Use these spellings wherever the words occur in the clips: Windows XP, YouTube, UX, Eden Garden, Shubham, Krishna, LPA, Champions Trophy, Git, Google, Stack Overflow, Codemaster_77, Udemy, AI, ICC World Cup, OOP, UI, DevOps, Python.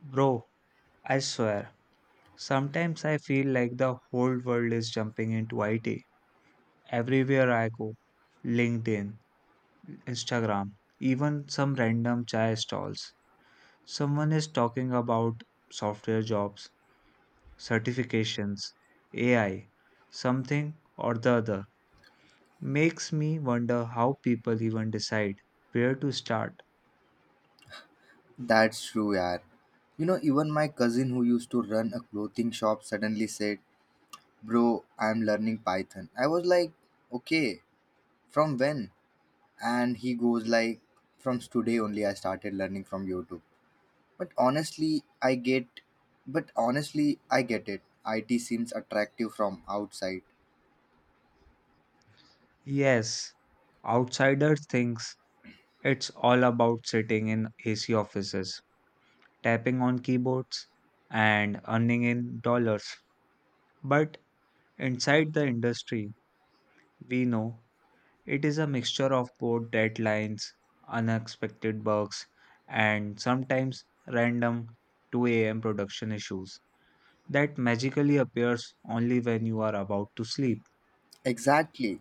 Bro, I swear, sometimes I feel like the whole world is jumping into IT. Everywhere I go, LinkedIn, Instagram, even some random chai stalls, someone is talking about software jobs, certifications, AI, something or the other. Makes me wonder how people even decide where to start. That's true, yaar. You know, even my cousin who used to run a clothing shop suddenly said, "Bro, I'm learning Python." I was like, "Okay, from when?" And he goes like, "From today only I started learning from YouTube." But honestly, I get but honestly, I get it. IT seems attractive from outside. Yes, outsiders thinks it's all about sitting in AC offices tapping on keyboards, and earning in dollars. But inside the industry, we know it is a mixture of both deadlines, unexpected bugs, and sometimes random 2 a.m. production issues that magically appears only when you are about to sleep. Exactly.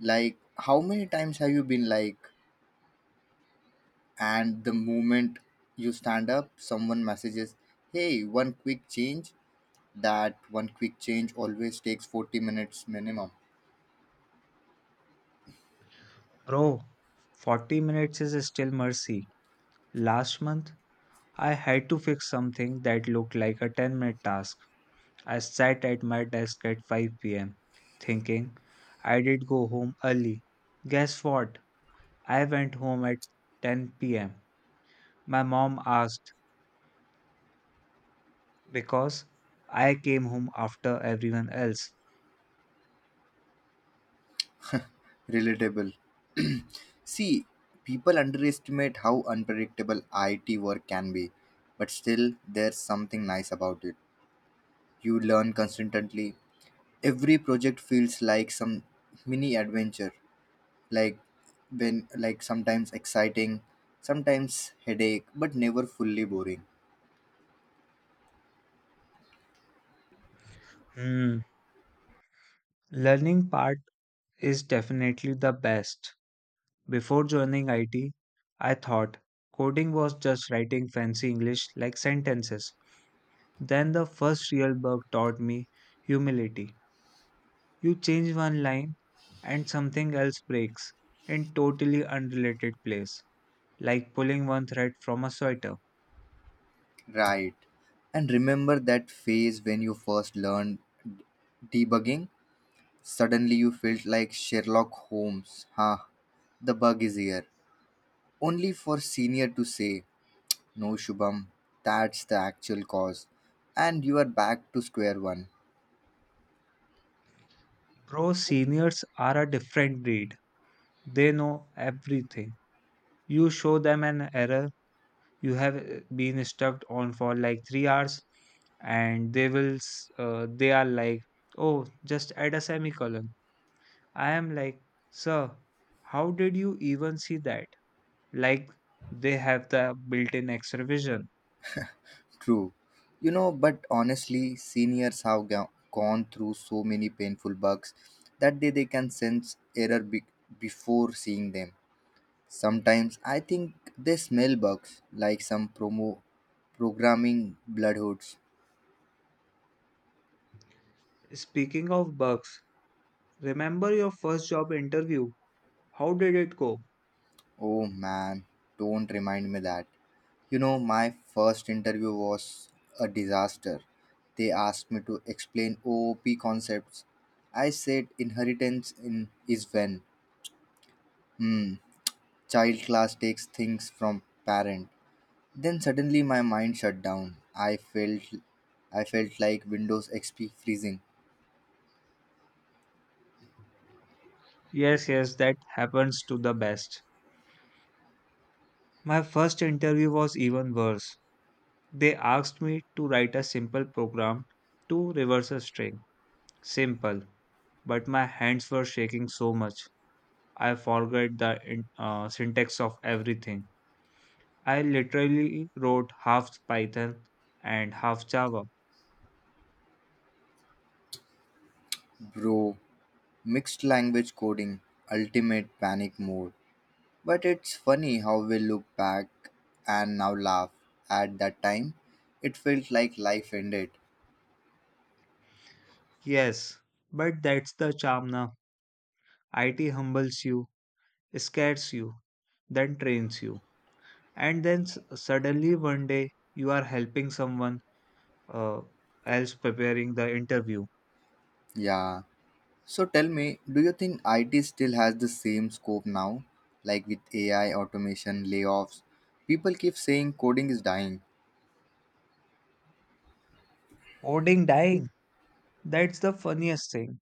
Like how many times have you been like and the moment you stand up, someone messages, "Hey, one quick change." That one quick change always takes 40 minutes minimum. Bro, 40 minutes is still mercy. Last month, I had to fix something that looked like a 10-minute task. I sat at my desk at 5 p.m. thinking I did go home early. Guess what? I went home at 10 pm. My mom asked because I came home after everyone else. Relatable. See, people underestimate how unpredictable IT work can be, but still, there's something nice about it. You learn constantly. Every project feels like some mini adventure, like when like sometimes exciting, sometimes headache, but never fully boring. Hmm. Learning part is definitely the best. Before joining IT, I thought coding was just writing fancy English like sentences. Then the first real book taught me humility. You change one line and something else breaks in totally unrelated place, like pulling one thread from a sweater. Right. And remember that phase when you first learned debugging. Suddenly you felt like Sherlock Holmes. "Ha, the bug is here." Only for senior to say, "No Shubham, that's the actual cause." And you are back to square one. Bro, seniors are a different breed. They know everything. You show them an error you have been stuck on for like 3 hours and they are like, "Oh, just add a semicolon." I am like, "Sir, how did you even see that?" Like they have the built-in extra vision. True. You know, but honestly, seniors have gone through so many painful bugs that they can sense error before seeing them. Sometimes I think they smell bugs like some promo programming bloodhoods. Speaking of bugs, remember your first job interview? How did it go? Oh man, don't remind me that. You know, my first interview was a disaster. They asked me to explain OOP concepts. I said inheritance in is when hmm, child class takes things from parent. Then suddenly my mind shut down. I felt like Windows XP freezing. Yes, yes, that happens to the best. My first interview was even worse. They asked me to write a simple program to reverse a string. Simple, but my hands were shaking so much. I forgot the syntax of everything. I literally wrote half Python and half Java. Bro, mixed language coding, ultimate panic mode. But it's funny how we look back and now laugh. At that time, it felt like life ended. Yes, but that's the charm now. IT humbles you, scares you, then trains you. And then suddenly one day you are helping someone uh, else preparing the interview. Yeah. So tell me, do you think IT still has the same scope now? Like with AI, automation, layoffs? People keep saying coding is dying. Coding dying. That's the funniest thing.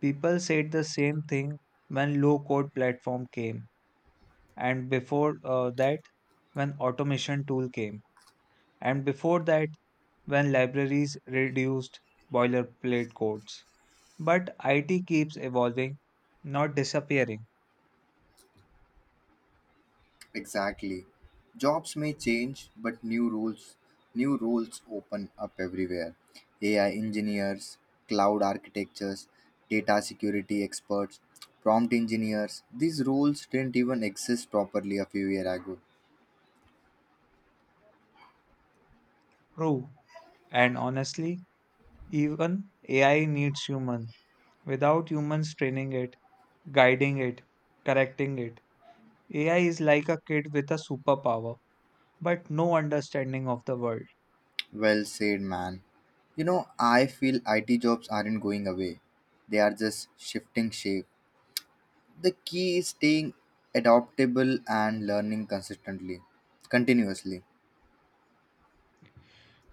People said the same thing when low code platform came, and before that, when automation tool came, and before that, when libraries reduced boilerplate codes. But IT keeps evolving, not disappearing. Exactly. Jobs may change, but new rules, new roles open up everywhere. AI engineers, cloud architectures, data security experts, prompt engineers. These roles didn't even exist properly a few years ago. True. And honestly, even AI needs human. Without humans training it, guiding it, correcting it, AI is like a kid with a superpower, but no understanding of the world. Well said, man. You know, I feel IT jobs aren't going away. They are just shifting shape. The key is staying adaptable and learning consistently, continuously.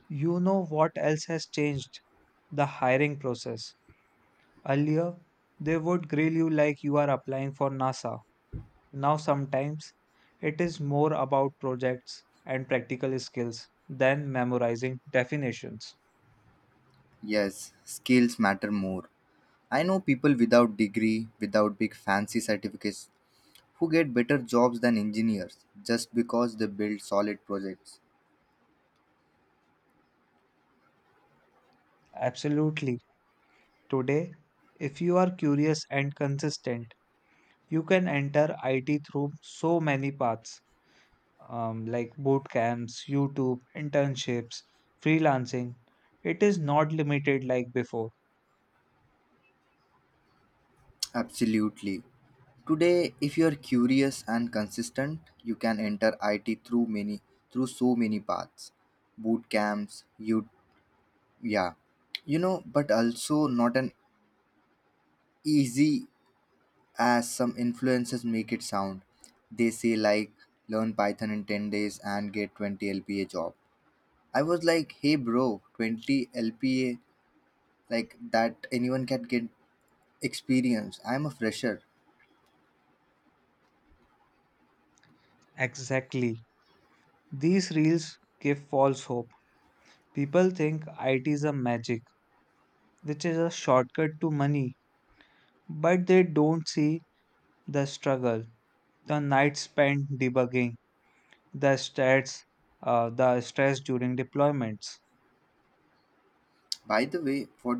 You know what else has changed? The hiring process. Earlier, they would grill you like you are applying for NASA. Now, sometimes it is more about projects and practical skills than memorizing definitions. Yes, skills matter more. I know people without degree, without big fancy certificates, who get better jobs than engineers just because they build solid projects. Absolutely. Today, if you are curious and consistent, you can enter IT through so many paths like boot camps, YouTube, internships, freelancing. It is not limited like before. Absolutely. Today, if you are curious and consistent, you can enter IT through many through so many paths. Boot camps, you yeah. You know, but also not an easy as some influencers make it sound. They say like learn Python in 10 days and get 20 LPA job. I was like, "Hey bro, 20 LPA like that anyone can get experience. I'm a fresher." Exactly. These reels give false hope. People think IT is a magic, which is a shortcut to money, but they don't see the struggle, the nights spent debugging, the stats, the stress during deployments. By the way, what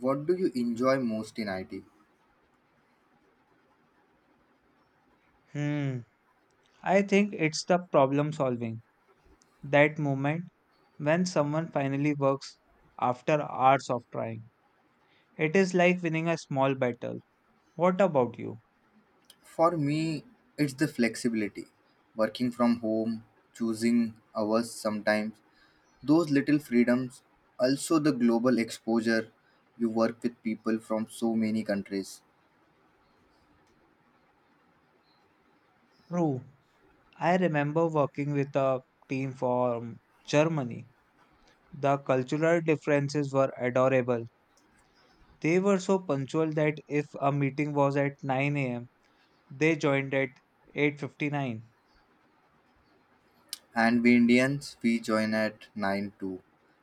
what do you enjoy most in IT? Hmm. I think it's the problem solving. That moment when someone finally works after hours of trying. It is like winning a small battle. What about you? For me, it's the flexibility. Working from home, choosing hours sometimes, those little freedoms, also the global exposure, you work with people from so many countries. True. I remember working with a team from Germany. The cultural differences were adorable. They were so punctual that if a meeting was at 9 a.m., they joined at 8:59. And we Indians, we join at 9 too,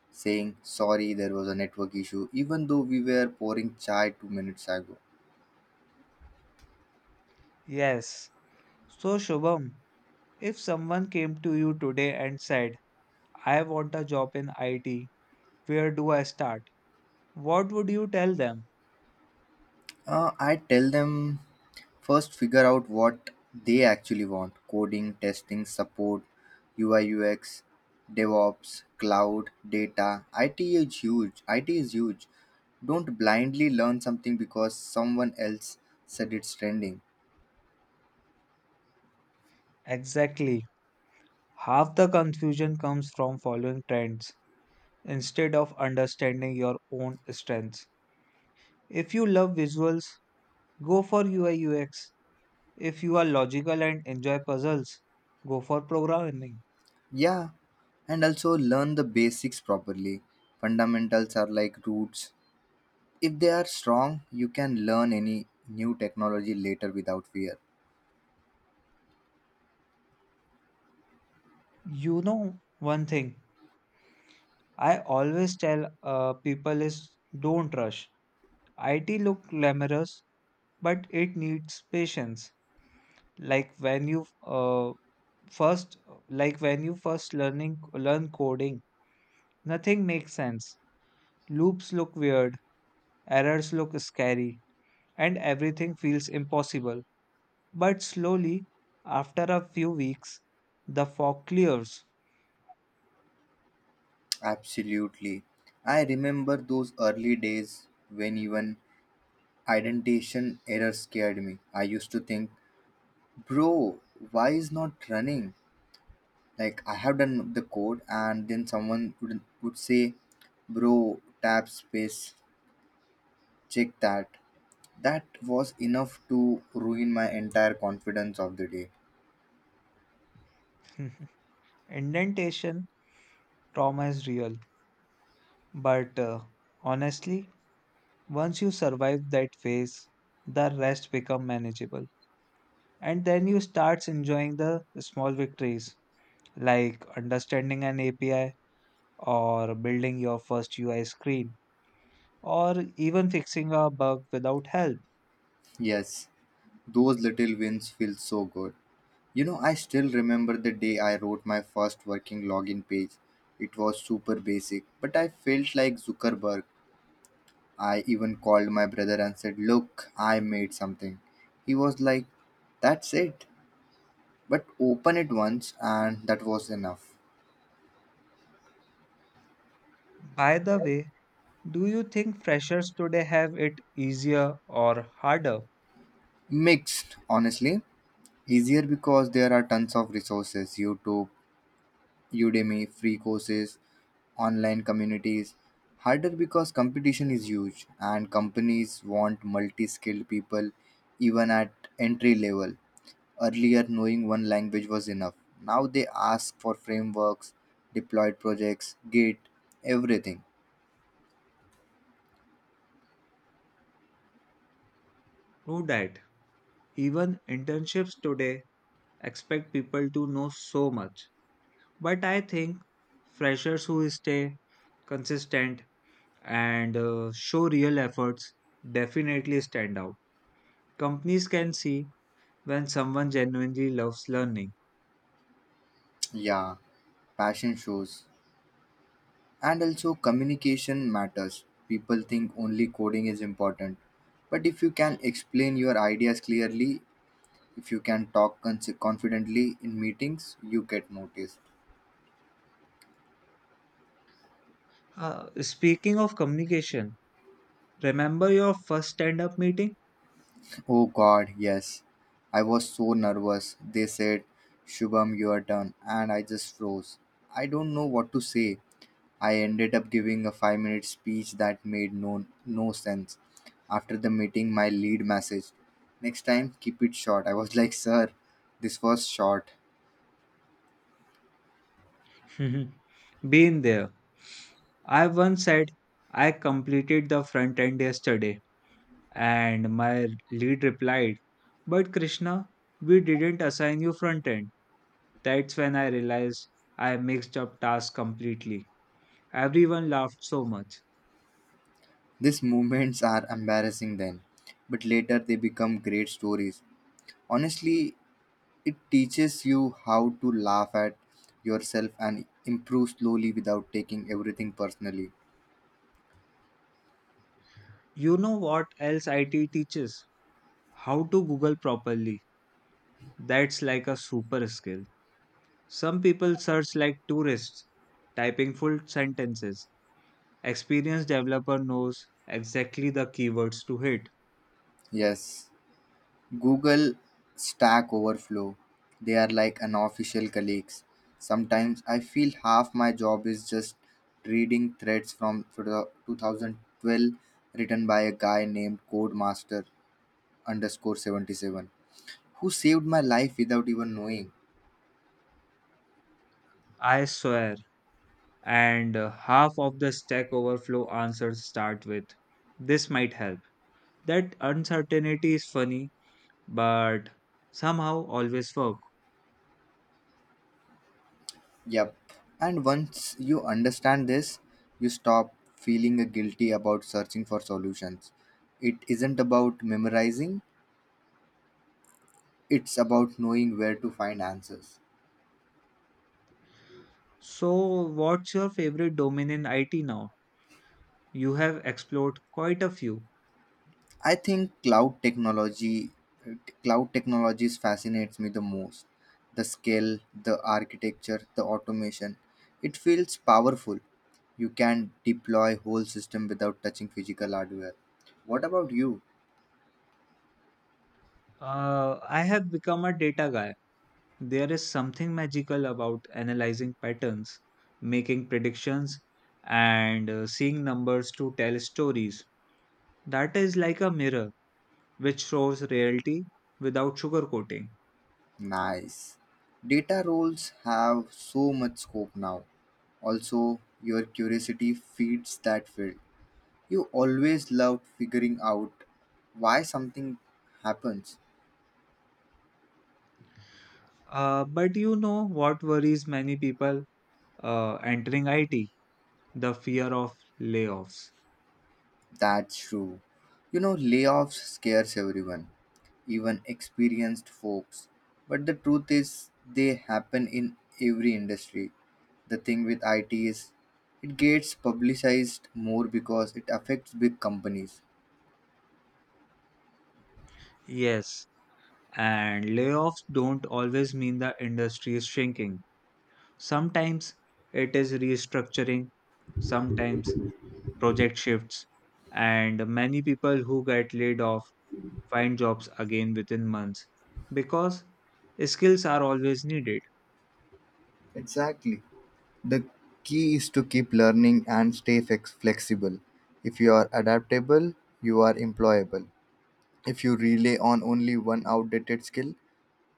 saying sorry there was a network issue, even though we were pouring chai 2 minutes ago. Yes. So Shubham, if someone came to you today and said, I want a job in IT. Where do I start? What would you tell them? I tell them first figure out what they actually want coding, testing, support, UI, UX, DevOps, cloud, data. IT is huge. IT is huge. Don't blindly learn something because someone else said it's trending. Exactly. Half the confusion comes from following trends instead of understanding your own strengths. If you love visuals, go for UI UX. If you are logical and enjoy puzzles, go for programming. Yeah, and also learn the basics properly. Fundamentals are like roots. If they are strong, you can learn any new technology later without fear. You know, one thing I always tell people is don't rush. IT look glamorous, but it needs patience. like when you uh, first like when you first learn coding, nothing makes sense. Loops look weird, errors look scary, and everything feels impossible. But slowly, after a few weeks, the fog clears. Absolutely. I remember those early days when even indentation error scared me. I used to think, "Bro, why is not running? Like I have done the code." And then someone would say, "Bro, tab space, check that." That was enough to ruin my entire confidence of the day. Indentation trauma is real, but honestly, once you survive that phase, the rest become manageable. And then you starts enjoying the small victories, like understanding an API or building your first UI screen or even fixing a bug without help. Yes, those little wins feel so good. You know, I still remember the day I wrote my first working login page. It was super basic, but I felt like Zuckerberg. I even called my brother and said, "Look, I made something." He was like, "That's it. But open it once," and that was enough. By the way, do you think freshers today have it easier or harder? Mixed, honestly. Easier because there are tons of resources: YouTube, Udemy, free courses, online communities. Harder because competition is huge and companies want multi skilled people even at entry level. Earlier, knowing one language was enough. Now they ask for frameworks, deployed projects, Git, everything. True that. Even internships today expect people to know so much. But I think freshers who stay consistent and show real efforts definitely stand out. Companies can see when someone genuinely loves learning. Yeah, passion shows. And also, communication matters. People think only coding is important. But if you can explain your ideas clearly, if you can talk confidently in meetings, you get noticed. Speaking of communication, remember your first stand up meeting? Oh god, yes. I was so nervous. They said, "Shubham, your turn." And I just froze. I don't know what to say. I ended up giving a 5 minute speech that made no sense. After the meeting, my lead message, "Next time, keep it short." I was like, "Sir, this was short." Been there. I once said, I completed the front end yesterday, and my lead replied, But Krishna, we didn't assign you front end. That's when I realized I mixed up tasks completely. Everyone laughed so much. These moments are embarrassing then, but later they become great stories. Honestly, it teaches you how to laugh at yourself and improve slowly without taking everything personally. You know what else IT teaches? How to Google properly. That's like a super skill. Some people search like tourists, typing full sentences. Experienced developer knows exactly the keywords to hit. Yes, Google, Stack Overflow, they are like unofficial colleagues. Sometimes I feel half my job is just reading threads from 2012 written by a guy named Codemaster underscore 77 who saved my life without even knowing. I swear. And half of the Stack Overflow answers start with, This might help. That uncertainty is funny, but somehow always work. Yep. And once you understand this, you stop feeling guilty about searching for solutions. It isn't about memorizing, it's about knowing where to find answers. So, what's your favorite domain in IT now? You have explored quite a few. I think cloud technologies fascinates me the most. The scale, the architecture, the automation. It feels powerful. You can deploy whole system without touching physical hardware. What about you? I have become a data guy. There is something magical about analyzing patterns, making predictions, and seeing numbers to tell stories. That is like a mirror which shows reality without sugarcoating. Nice. Data roles have so much scope now. Also, your curiosity feeds that field. You always loved figuring out why something happens. But you know what worries many people entering IT? The fear of layoffs. That's true. You know, layoffs scares everyone, even experienced folks. But the truth is, they happen in every industry. The thing with IT is, it gets publicized more because it affects big companies. Yes, and layoffs don't always mean the industry is shrinking. Sometimes it is restructuring, sometimes project shifts, and many people who get laid off find jobs again within months because skills are always needed. Exactly. The key is to keep learning and stay flexible. If you are adaptable, you are employable. If you rely on only one outdated skill,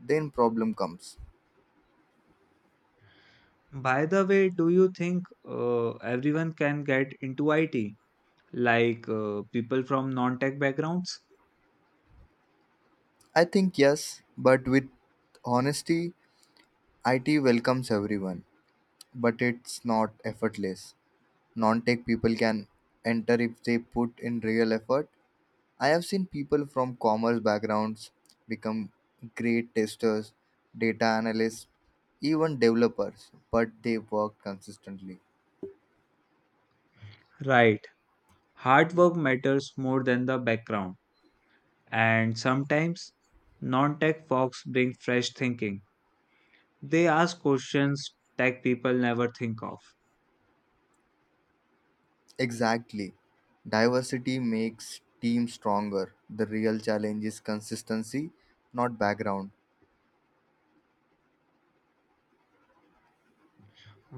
then problem comes. By the way, do you think everyone can get into IT, like people from non tech backgrounds? I think yes, but with honesty, IT welcomes everyone, but it's not effortless. Non-tech people can enter if they put in real effort. I have seen people from commerce backgrounds become great testers, data analysts, even developers, but they work consistently. Right. Hard work matters more than the background, and sometimes non tech folks bring fresh thinking. They ask questions tech people never think of. Exactly. Diversity makes teams stronger. The real challenge is consistency, not background.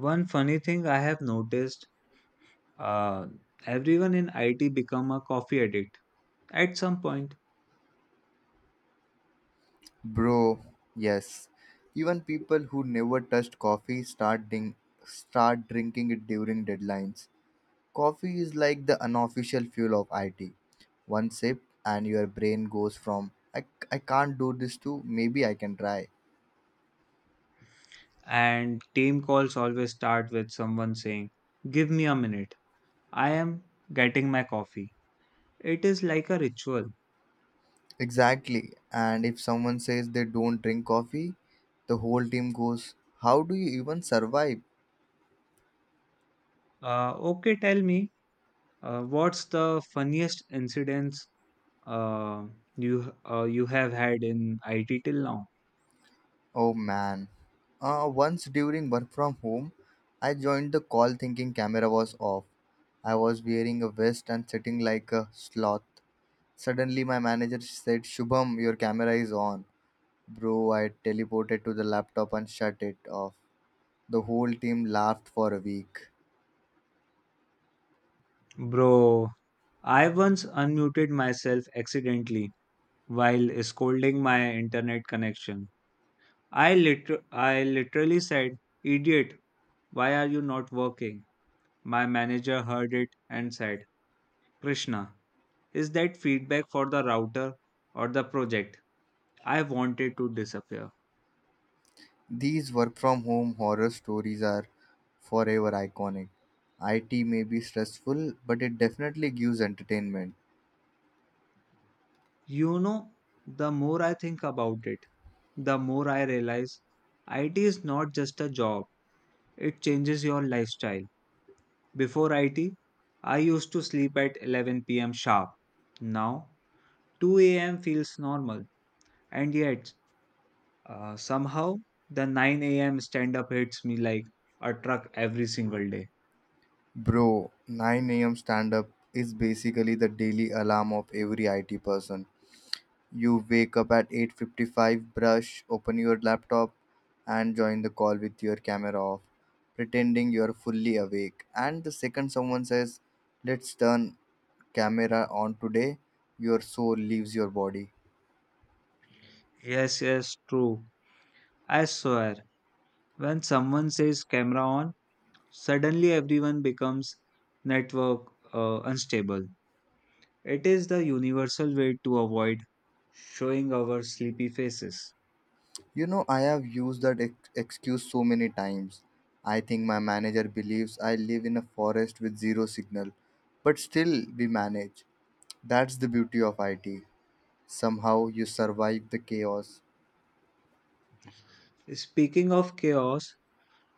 One funny thing I have noticed Uh, Everyone in IT become a coffee addict at some point, Bro, yes. Even people who never touched coffee start drinking it during deadlines. Coffee is like the unofficial fuel of IT. One sip, and your brain goes from, I can't do this," to "maybe I can try." and team calls always start with someone saying, "Give me a minute. I am getting my coffee." It is like a ritual. Exactly. And if someone says they don't drink coffee, the whole team goes, "How do you even survive?" Okay, tell me, what's the funniest incidents uh, you have had in IT till now, Oh man. Once during work from home, I joined the call thinking camera was off. I was wearing a vest and sitting like a sloth. Suddenly, my manager said, "Shubham, your camera is on." Bro, I teleported to the laptop and shut it off. The whole team laughed for a week. bro? I once unmuted myself accidentally while scolding my internet connection. I literally said, Idiot, why are you not working? My manager heard it and said, Krishna, is that feedback for the router or the project? I wanted to disappear. These work from home horror stories are forever iconic. IT may be stressful, but it definitely gives entertainment. You know, the more I think about it, the more I realize IT is not just a job, it changes your lifestyle. Before IT, I used to sleep at 11 p.m. sharp. Now, 2 a.m. feels normal, and yet, somehow, the 9 a.m. stand up hits me like a truck every single day. Bro, 9 a.m. stand up is basically the daily alarm of every IT person. You wake up at 8:55, brush, open your laptop and join the call with your camera off, pretending you're fully awake. And the second someone says, "Let's turn camera on today," your soul leaves your body. Yes, yes, true. I swear, when someone says camera on, suddenly everyone becomes network unstable. It is the universal way to avoid showing our sleepy faces. You know, I have used that excuse so many times. I think my manager believes I live in a forest with zero signal, but still we manage. That's the beauty of IT. Somehow you survive the chaos. Speaking of chaos,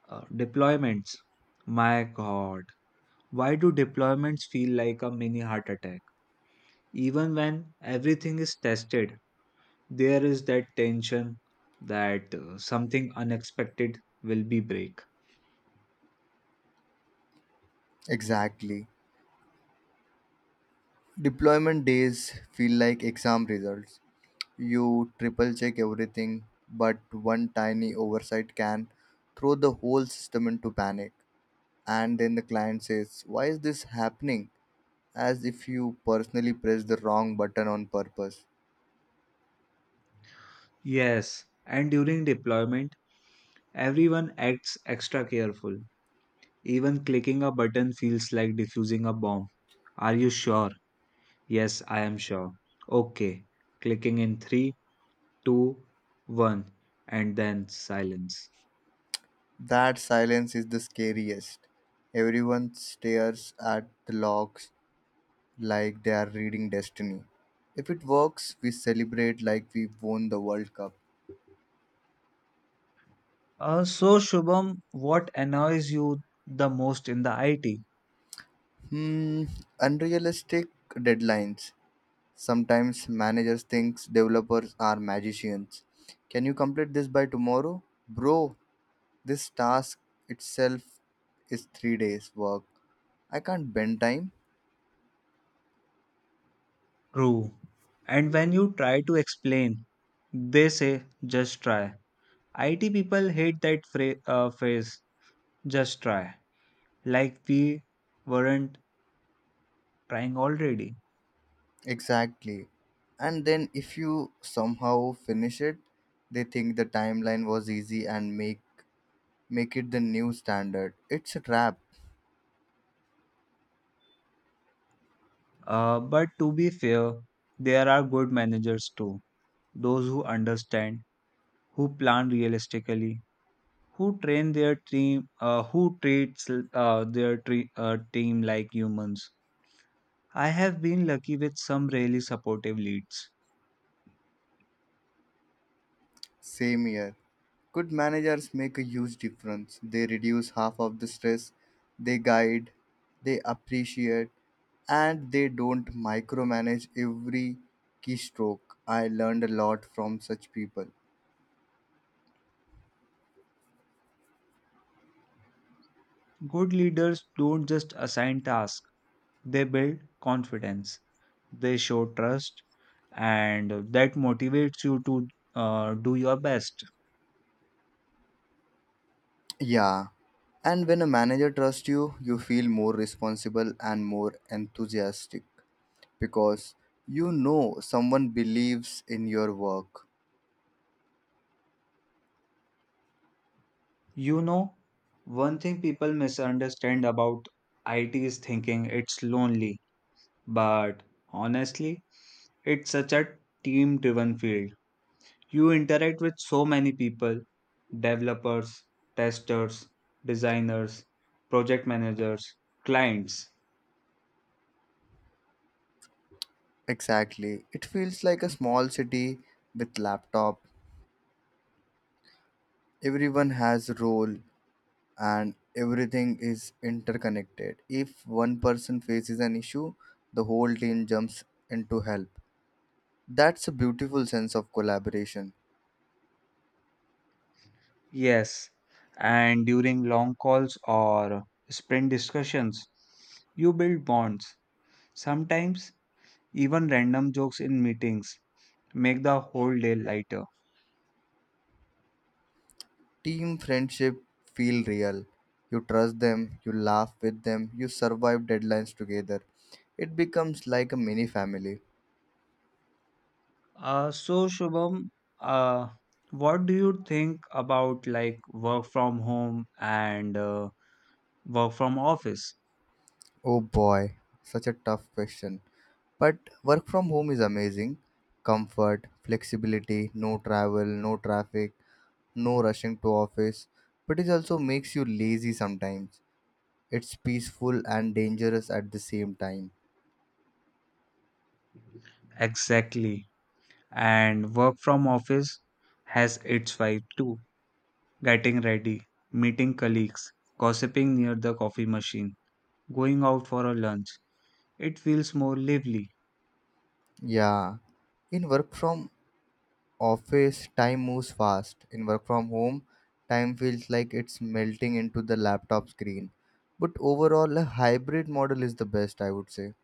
deployments. My god, why do deployments feel like a mini heart attack? Even when everything is tested, there is that tension that something unexpected will be break. Exactly. Deployment days feel like exam results. You triple check everything, but one tiny oversight can throw the whole system into panic. And then the client says, "Why is this happening?" As if you personally pressed the wrong button on purpose. Yes, and during deployment, everyone acts extra careful. Even clicking a button feels like diffusing a bomb. Are you sure? Yes, I am sure. Okay, clicking in three, two, one, and then silence. That silence is the scariest. Everyone stares at the logs like they are reading destiny. If it works, we celebrate like we won the World Cup. So Shubham, what annoys you the most in the IT? Hmm, Unrealistic deadlines. Sometimes managers think developers are magicians. "Can you complete this by tomorrow?" Bro, this task itself is 3 days work. I can't bend time. True. And when you try to explain, they say, just try. IT people hate that phrase, just try, like we weren't trying already. Exactly. And then if you somehow finish it, they think the timeline was easy and make it the new standard. It's a trap. But to be fair, there are good managers too, those who understand, who plan realistically, who train their team, who treats their team like humans. I have been lucky with some really supportive leads. Same here. Good managers make a huge difference. They reduce half of the stress, they guide, they appreciate, and they don't micromanage every keystroke. I learned a lot from such people. Good leaders don't just assign tasks, they build confidence, they show trust, and that motivates you to do your best. Yeah. And when a manager trusts you, you feel more responsible and more enthusiastic because you know someone believes in your work. You know, one thing people misunderstand about IT is thinking it's lonely, but honestly, it's such a team driven field. You interact with so many people: developers, testers, designers, project managers, clients. Exactly. It feels like a small city with laptop. Everyone has a role and everything is interconnected. If one person faces an issue, the whole team jumps in to help. That's a beautiful sense of collaboration. Yes, and during long calls or sprint discussions, you build bonds. Sometimes, even random jokes in meetings make the whole day lighter. Team friendship feel real. You trust them, you laugh with them, you survive deadlines together. It becomes like a mini family. So, Shubham, uh, what do you think about like work from home and work from office? Oh boy, such a tough question. But work from home is amazing. Comfort, flexibility, no travel, no traffic, no rushing to office. But it also makes you lazy sometimes. It's peaceful and dangerous at the same time. Exactly. And work from office has its vibe too. Getting ready, meeting colleagues, gossiping near the coffee machine. Going out for a lunch. It feels more lively. Yeah. In work from office, time moves fast. In work from home, time feels like it's melting into the laptop screen. But overall, a hybrid model is the best, I would say.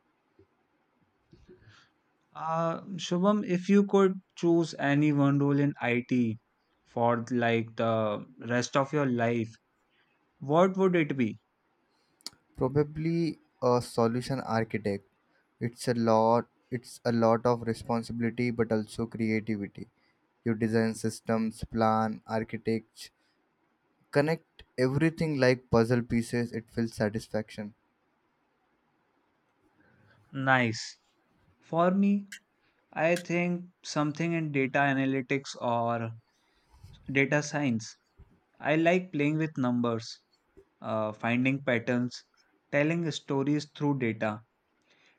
Shubham, if you could choose any one role in IT for like the rest of your life, what would it be? Probably a solution architect. It's a lot of responsibility but also creativity. You design systems, plan, architect, connect everything like puzzle pieces, it feels satisfaction. Nice. For me, I think something in data analytics or data science. I like playing with numbers, finding patterns, telling stories through data.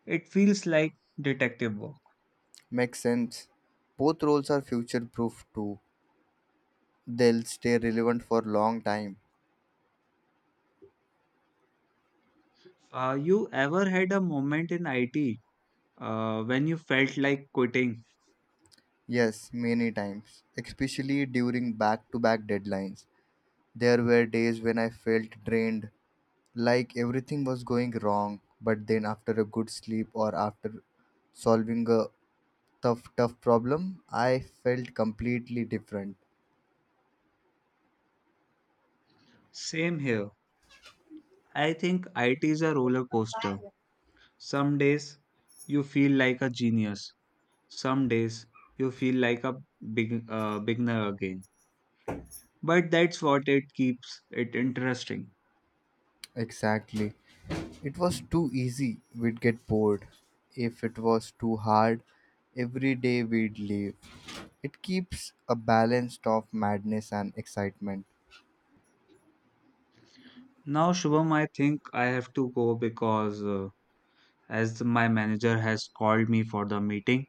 It feels like detective work. Makes sense. Both roles are future proof too. They'll stay relevant for long time. You ever had a moment in IT when you felt like quitting? Yes, many times, especially during back to back deadlines. There were days when I felt drained, like everything was going wrong. But then after a good sleep or after solving a tough problem, I felt completely different. Same here. I think IT is a roller coaster. Some days you feel like a genius, some days you feel like a big, beginner again. But that's what it keeps it interesting. Exactly. It was too easy, we'd get bored. If it was too hard, every day we'd leave. It keeps a balance of madness and excitement. Now, Shubham, I think I have to go because as my manager has called me for the meeting.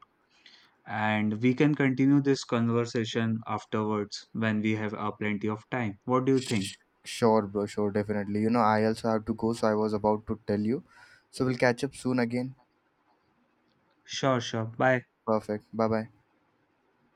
And we can continue this conversation afterwards when we have plenty of time. What do you think? Sh- sure bro, sure, definitely. You know, I also have to go, so I was about to tell you. So we'll catch up soon again. Sure, sure. Bye. Perfect, bye bye.